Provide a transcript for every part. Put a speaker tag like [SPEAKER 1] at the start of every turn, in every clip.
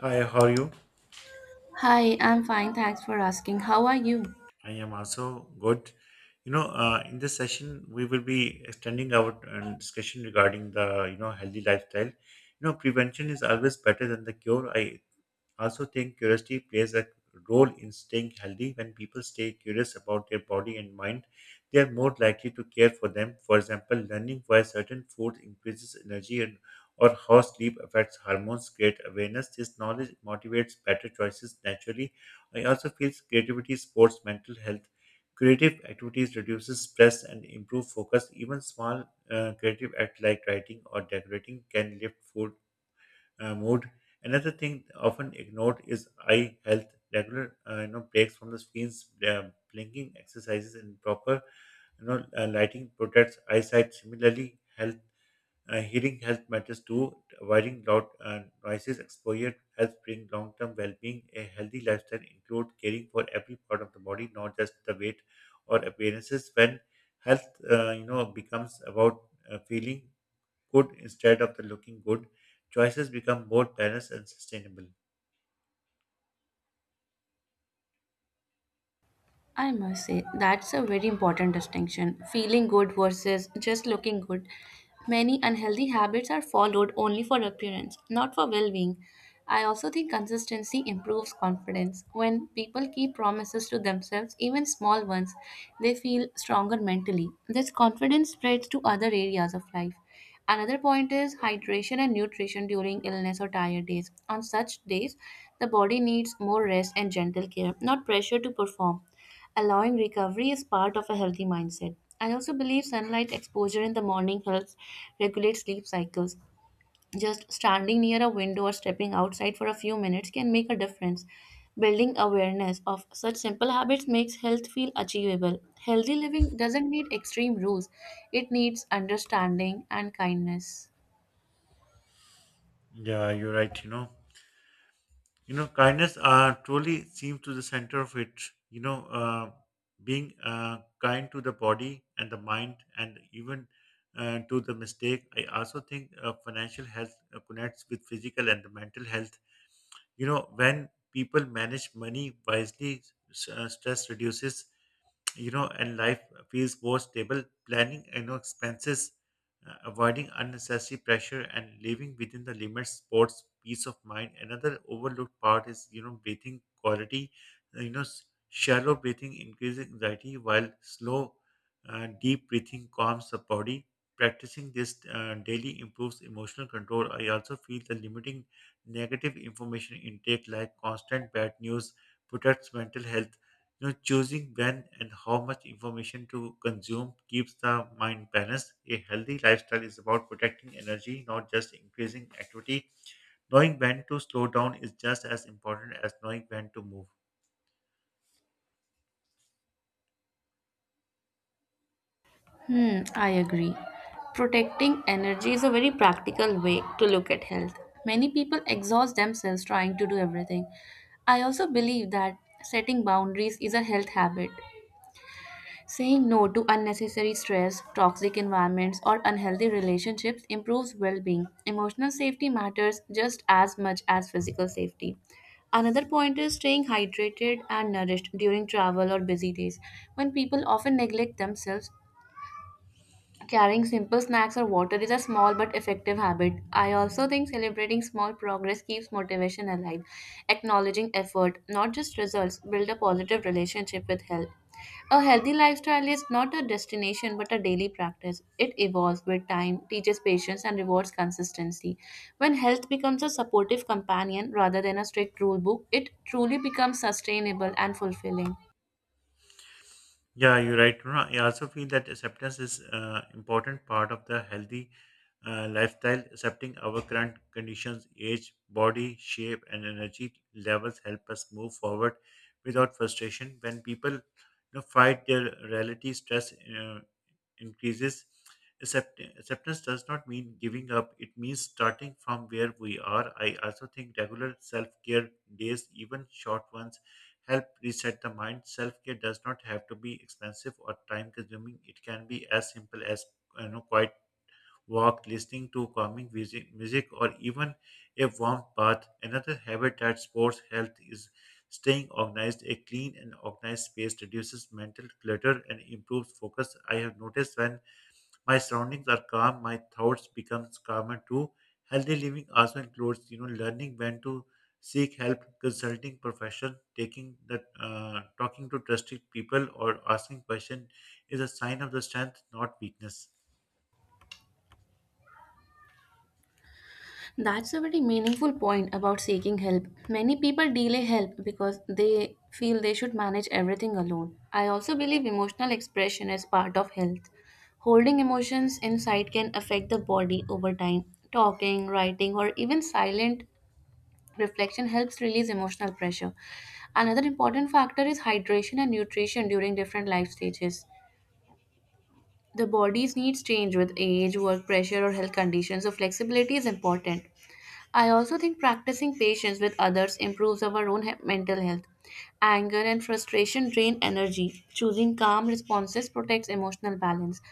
[SPEAKER 1] Hi, how are you?
[SPEAKER 2] Hi, I'm fine. Thanks for asking. How are you?
[SPEAKER 1] I am also good. In this session, we will be extending our discussion regarding the healthy lifestyle. You know, prevention is always better than the cure. I also think curiosity plays a role in staying healthy. When people stay curious about their body and mind, they are more likely to care for them. For example, learning why certain food increases energy and or how sleep affects hormones create awareness. This knowledge motivates better choices naturally. I also feel creativity supports mental health. Creative activities reduces stress and improve focus. Even small creative act like writing or decorating can lift food mood. Another thing often ignored is eye health. Regular, you know, breaks from the screens, blinking exercises, and proper, lighting protects eyesight. Similarly, hearing health matters too. Avoiding loud noises exposure helps bring long-term well-being. A healthy lifestyle includes caring for every part of the body, not just the weight or appearances. When you know, becomes about feeling good instead of the looking good, choices become more balanced and sustainable.
[SPEAKER 2] I must say, that's a very important distinction, feeling good versus just looking good. Many unhealthy habits are followed only for appearance, not for well being. I also think consistency improves confidence. When people keep promises to themselves, even small ones, they feel stronger mentally. This confidence spreads to other areas of life. Another point is hydration and nutrition during illness or tired days. On such days, the body needs more rest and gentle care, not pressure to perform. Allowing recovery is part of a healthy mindset. I also believe sunlight exposure in the morning helps regulate sleep cycles. Just standing near a window or stepping outside for a few minutes can make a difference. Building awareness of such simple habits makes health feel achievable. Healthy living doesn't need extreme rules, it needs understanding and kindness.
[SPEAKER 1] Yeah, you're right. You know, kindness truly seems to the center of it. You know, uh, being kind to the body and the mind, and even to the mistake. I also think financial health connects with physical and the mental health. You know, when people manage money wisely, stress reduces, you know, and life feels more stable. Planning, you know, expenses, avoiding unnecessary pressure, and living within the limits supports peace of mind. Another overlooked part is, you know, breathing quality. You know, shallow breathing increases anxiety, while slow, deep breathing calms the body. Practicing this daily improves emotional control. I also feel the limiting negative information intake, like constant bad news, protects mental health, you know, choosing when and how much information to consume keeps the mind balanced. A healthy lifestyle is about protecting energy, not just increasing activity. Knowing when to slow down is just as important as knowing when to move.
[SPEAKER 2] Hmm, I agree. Protecting energy is a very practical way to look at health. Many people exhaust themselves trying to do everything. I also believe that setting boundaries is a health habit. Saying no to unnecessary stress, toxic environments, or unhealthy relationships improves well being. Emotional safety matters just as much as physical safety. Another point is staying hydrated and nourished during travel or busy days. When people often neglect themselves, carrying simple snacks or water is a small but effective habit. I also think celebrating small progress keeps motivation alive. Acknowledging effort, not just results, build a positive relationship with health. A healthy lifestyle is not a destination but a daily practice. It evolves with time, teaches patience, and rewards consistency. When health becomes a supportive companion rather than a strict rule book, it truly becomes sustainable and fulfilling.
[SPEAKER 1] Yeah, you're right, Runa. I also feel that acceptance is important part of the healthy lifestyle. Accepting our current conditions, age, body shape, and energy levels help us move forward without frustration. When people, you know, fight their reality, stress increases. Acceptance does not mean giving up, it means starting from where we are. I also think regular self care days, even short ones, help reset the mind. Self care does not have to be expensive or time consuming, it can be as simple as, you know, quiet walk, listening to calming music, or even a warm bath. Another habit that supports health is staying organized. A clean and organized space reduces mental clutter and improves focus. I have noticed when my surroundings are calm my thoughts becomes calmer too. Healthy living also includes, you know, learning when to seek help, consulting profession, taking the talking to trusted people or asking question is a sign of the strength, not weakness.
[SPEAKER 2] That's a very meaningful point about seeking help. Many people delay help because they feel they should manage everything alone. I also believe emotional expression is part of health. Holding emotions inside can affect the body over time. Talking, writing, or even silent reflection helps release emotional pressure. Another important factor is hydration and nutrition during different life stages. The body's needs change with age, work pressure, or health conditions, so flexibility is important. I also think practicing patience with others improves our own mental health. Anger and frustration drain energy. Choosing calm responses protects emotional balance.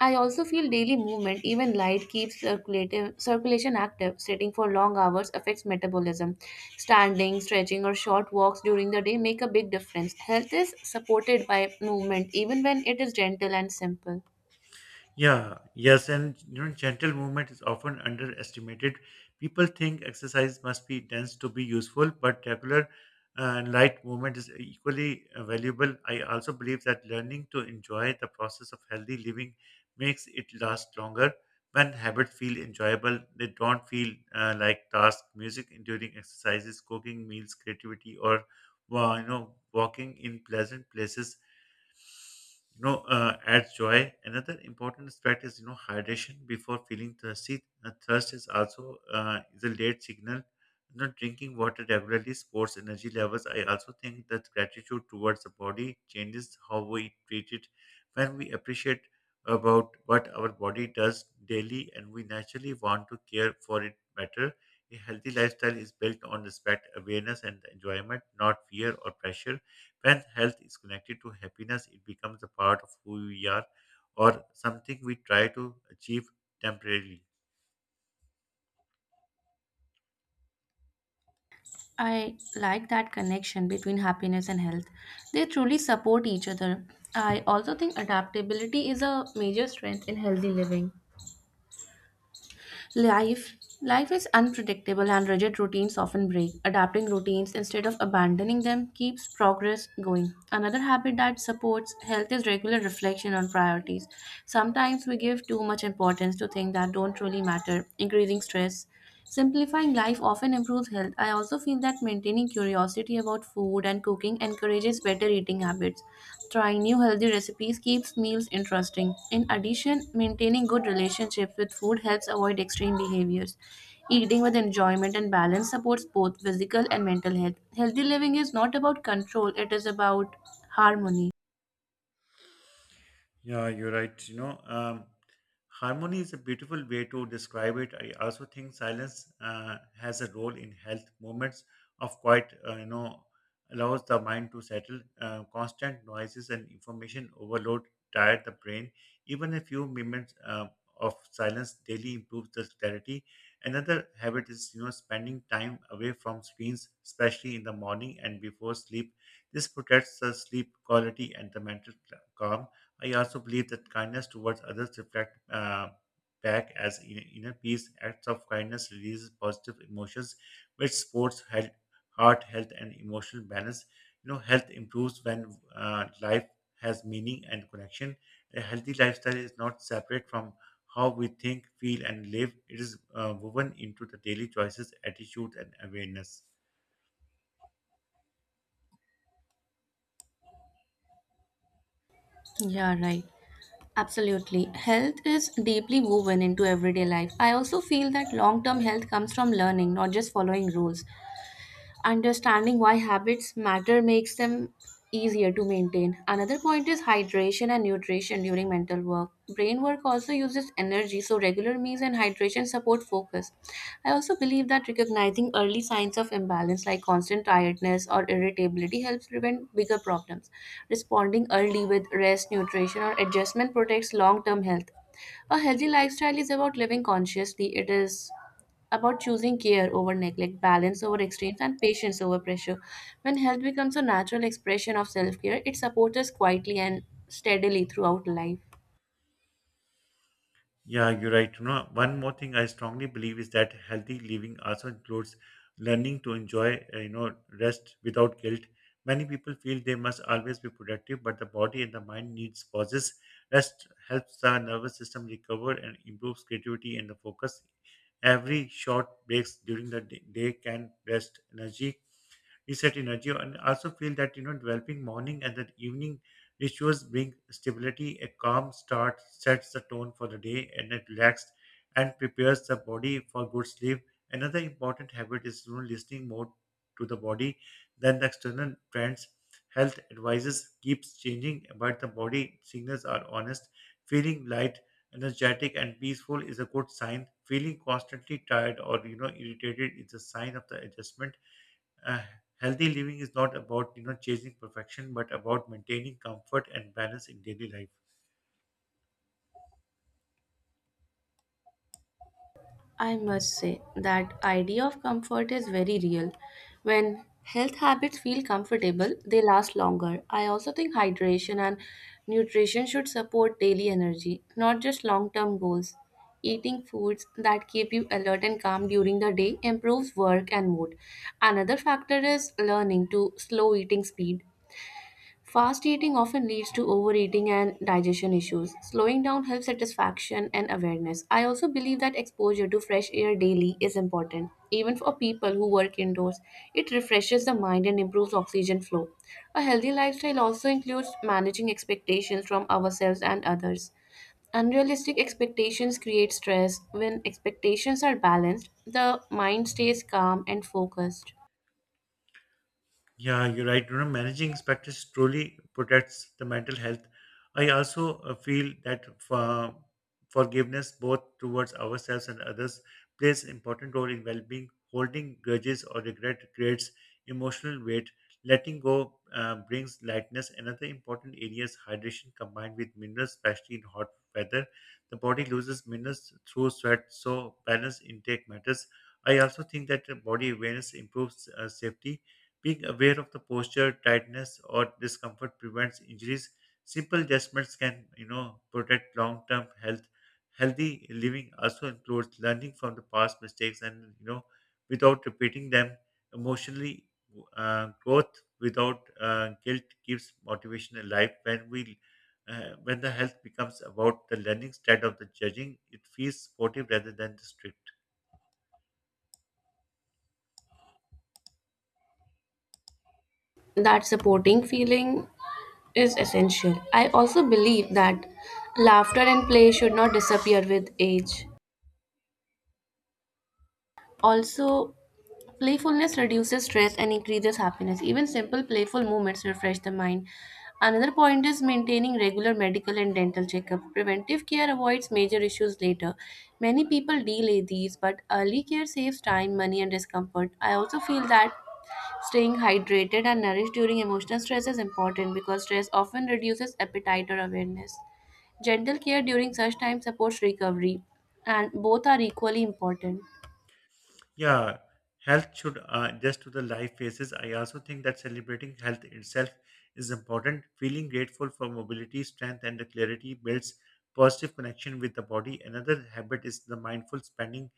[SPEAKER 2] I also feel daily movement, even light, keeps circulation active. Sitting for long hours affects metabolism. Standing, stretching, or short walks during the day make a big difference. Health is supported by movement, even when it is gentle and simple.
[SPEAKER 1] Yeah, yes, and you know, gentle movement is often underestimated. People think exercise must be dense to be useful, but regular and light movement is equally valuable. I also believe that learning to enjoy the process of healthy living makes it last longer. When habits feel enjoyable, they don't feel like tasks. Music during exercises, cooking meals, creativity, or well, you know, walking in pleasant places, adds joy. Another important aspect is, you know, hydration before feeling thirsty. Thirst is also is a late signal. You know, drinking water regularly supports energy levels. I also think that gratitude towards the body changes how we treat it. When we appreciate about what our body does daily and we naturally want to care for it better, a healthy lifestyle is built on respect, awareness, and enjoyment, not fear or pressure. When health is connected to happiness, it becomes a part of who we are or something we try to achieve temporarily.
[SPEAKER 2] I like that connection between happiness and health. They truly support each other. I also think adaptability is a major strength in healthy living. Life life is unpredictable and rigid routines often break. Adapting routines instead of abandoning them keeps progress going. Another habit that supports health is regular reflection on priorities. Sometimes we give too much importance to things that don't really matter, increasing stress. Simplifying life often improves health. I also feel that maintaining curiosity about food and cooking encourages better eating habits. Trying new healthy recipes keeps meals interesting. In addition, maintaining good relationships with food helps avoid extreme behaviors. Eating with enjoyment and balance supports both physical and mental health. Healthy living is not about control, it is about harmony.
[SPEAKER 1] Yeah, you're right. Harmony is a beautiful way to describe it. I also think silence has a role in health. Moments of quiet, you know, allows the mind to settle. Constant noises and information overload tire the brain. Even a few moments of silence daily improves the clarity. Another habit is, you know, spending time away from screens, especially in the morning and before sleep. This protects the sleep quality and the mental calm. I also believe that kindness towards others reflect back as inner peace. Acts of kindness releases positive emotions, which supports health, heart health, and emotional balance. You know, health improves when life has meaning and connection. A healthy lifestyle is not separate from how we think, feel, and live. It is woven into the daily choices, attitude, and awareness.
[SPEAKER 2] Yeah, right. Absolutely. Health is deeply woven into everyday life. I also feel that long term health comes from learning, not just following rules. Understanding why habits matter makes them easier to maintain. Another point is hydration and nutrition during mental work. Brain work also uses energy, so regular meals and hydration support focus. I also believe that recognizing early signs of imbalance like constant tiredness or irritability helps prevent bigger problems. Responding early with rest, nutrition, or adjustment protects long term health. A healthy lifestyle is about living consciously. It is about choosing care over neglect, balance over extremes, and patience over pressure. When health becomes a natural expression of self care, it supports us quietly and steadily throughout life.
[SPEAKER 1] Yeah, you're right. You know, one more thing I strongly believe is that healthy living also includes learning to enjoy, you know, rest without guilt. Many people feel they must always be productive, but the body and the mind needs pauses. Rest helps the nervous system recover and improves creativity and the focus. Every short breaks during the day can rest energy reset energy, and also feel that, you know, developing morning and the evening rituals bring stability. A calm start sets the tone for the day, and it relaxed and prepares the body for good sleep. Another important habit is, you know, listening more to the body than the external trends. Health advices keeps changing, but the body signals are honest. Feeling light, energetic, and peaceful is a good sign. Feeling constantly tired or, you know, irritated is a sign of the adjustment. uh, Healthy living is not about, you know, chasing perfection but about maintaining comfort and balance in daily life.
[SPEAKER 2] I must say that idea of comfort is very real. When health habits feel comfortable, they last longer. I also think hydration and nutrition should support daily energy, not just long-term goals. Eating foods that keep you alert and calm during the day improves work and mood. Another factor is learning to slow eating speed. Fast eating often leads to overeating and digestion issues. Slowing down helps satisfaction and awareness. I also believe that exposure to fresh air daily is important, even for people who work indoors. It refreshes the mind and improves oxygen flow. A healthy lifestyle also includes managing expectations from ourselves and others. Unrealistic expectations create stress. When expectations are balanced, the mind stays calm and focused.
[SPEAKER 1] Yeah, you're right. You know, managing expectations truly protects the mental health. I also feel that forgiveness, both towards ourselves and others, plays an important role in well-being. Holding grudges or regret creates emotional weight. Letting go brings lightness. Another important area is hydration combined with minerals, especially in hot weather. The body loses minerals through sweat, so balanced intake matters. I also think that body awareness improves safety, being aware of the posture, tightness, or discomfort prevents injuries. Simple adjustments can, you know, protect long-term health. Healthy living also includes learning from the past mistakes and, you know, without repeating them. Emotionally, growth without guilt keeps motivation alive. When the health becomes about the learning instead of the judging, it feels supportive rather than the strict.
[SPEAKER 2] That supporting feeling is essential. I also believe that laughter and play should not disappear with age. Also, playfulness reduces stress and increases happiness. Even simple playful movements refresh the mind. Another point is maintaining regular medical and dental checkup. Preventive care avoids major issues later. Many people delay these, but early care saves time, money, and discomfort. I also feel that staying hydrated and nourished during emotional stress is important because stress often reduces appetite or awareness. Gentle care during such time supports recovery, and both are equally important.
[SPEAKER 1] Yeah, health should adjust to the life phases. I also think that celebrating health itself is important. Feeling grateful for mobility, strength, and the clarity builds positive connection with the body. Another habit is the mindful spending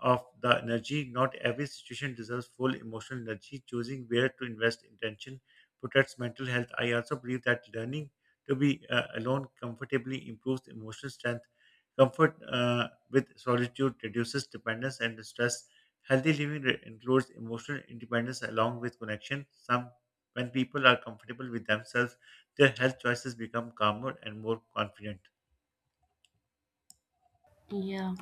[SPEAKER 1] of the energy. Not every situation deserves full emotional energy. Choosing where to invest intention protects mental health. I also believe that learning to be alone comfortably improves emotional strength. Comfort with solitude reduces dependence and stress. Includes emotional independence along with connection. When people are comfortable with themselves, their health choices become calmer and more confident.
[SPEAKER 2] Yeah.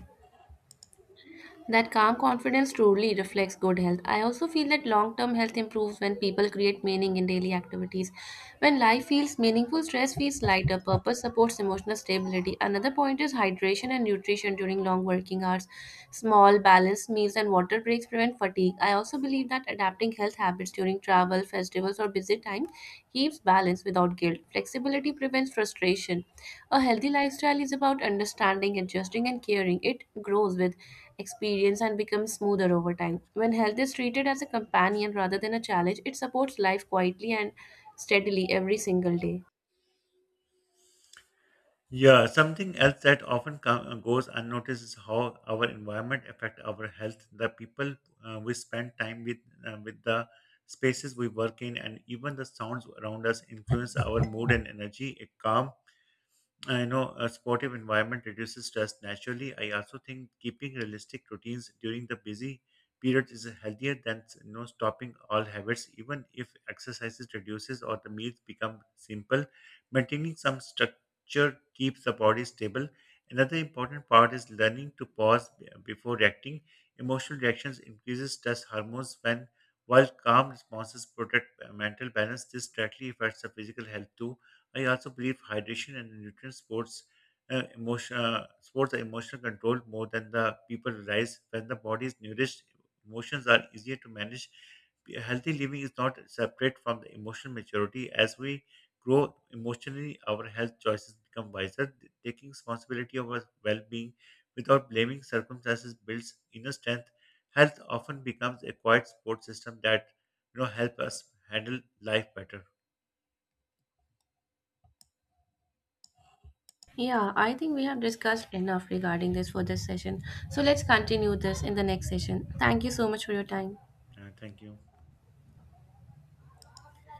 [SPEAKER 2] That calm confidence truly reflects good health. I also feel that long term health improves when people create meaning in daily activities. When life feels meaningful, stress feels lighter, purpose supports emotional stability. Another point is hydration and nutrition during long working hours. Small, balanced meals and water breaks prevent fatigue. I also believe that adapting health habits during travel, festivals, or busy time keeps balance without guilt. Flexibility prevents frustration. A healthy lifestyle is about understanding, adjusting, and caring. It grows with experience and becomes smoother over time. When health is treated as a companion rather than a challenge, it supports life quietly and steadily every single day.
[SPEAKER 1] Yeah, something else that goes unnoticed is how our environment affect our health. The people we spend time with the spaces we work in, and even the sounds around us influence our mood and energy. A calm I know A sportive environment reduces stress naturally. I also think keeping realistic routines during the busy period is healthier than, you know, stopping all habits, even if exercises reduces or the meals become simple. Maintaining some structure keeps the body stable. Another important part is learning to pause before reacting. Emotional reactions increases stress hormones when while calm responses protect mental balance. This directly affects the physical health too. I also believe hydration and sports are emotional control more than the people realize. When the body is nourished, emotions are easier to manage. Healthy living is not separate from the emotional maturity. As we grow emotionally, our health choices become wiser. Taking responsibility of our well-being without blaming circumstances builds inner strength. Health often becomes a quiet support system that, you know, help us handle life better.
[SPEAKER 2] Yeah, I think we have discussed enough regarding this for this session. So let's continue this in the next session. Thank you so much for your time.
[SPEAKER 1] Thank you.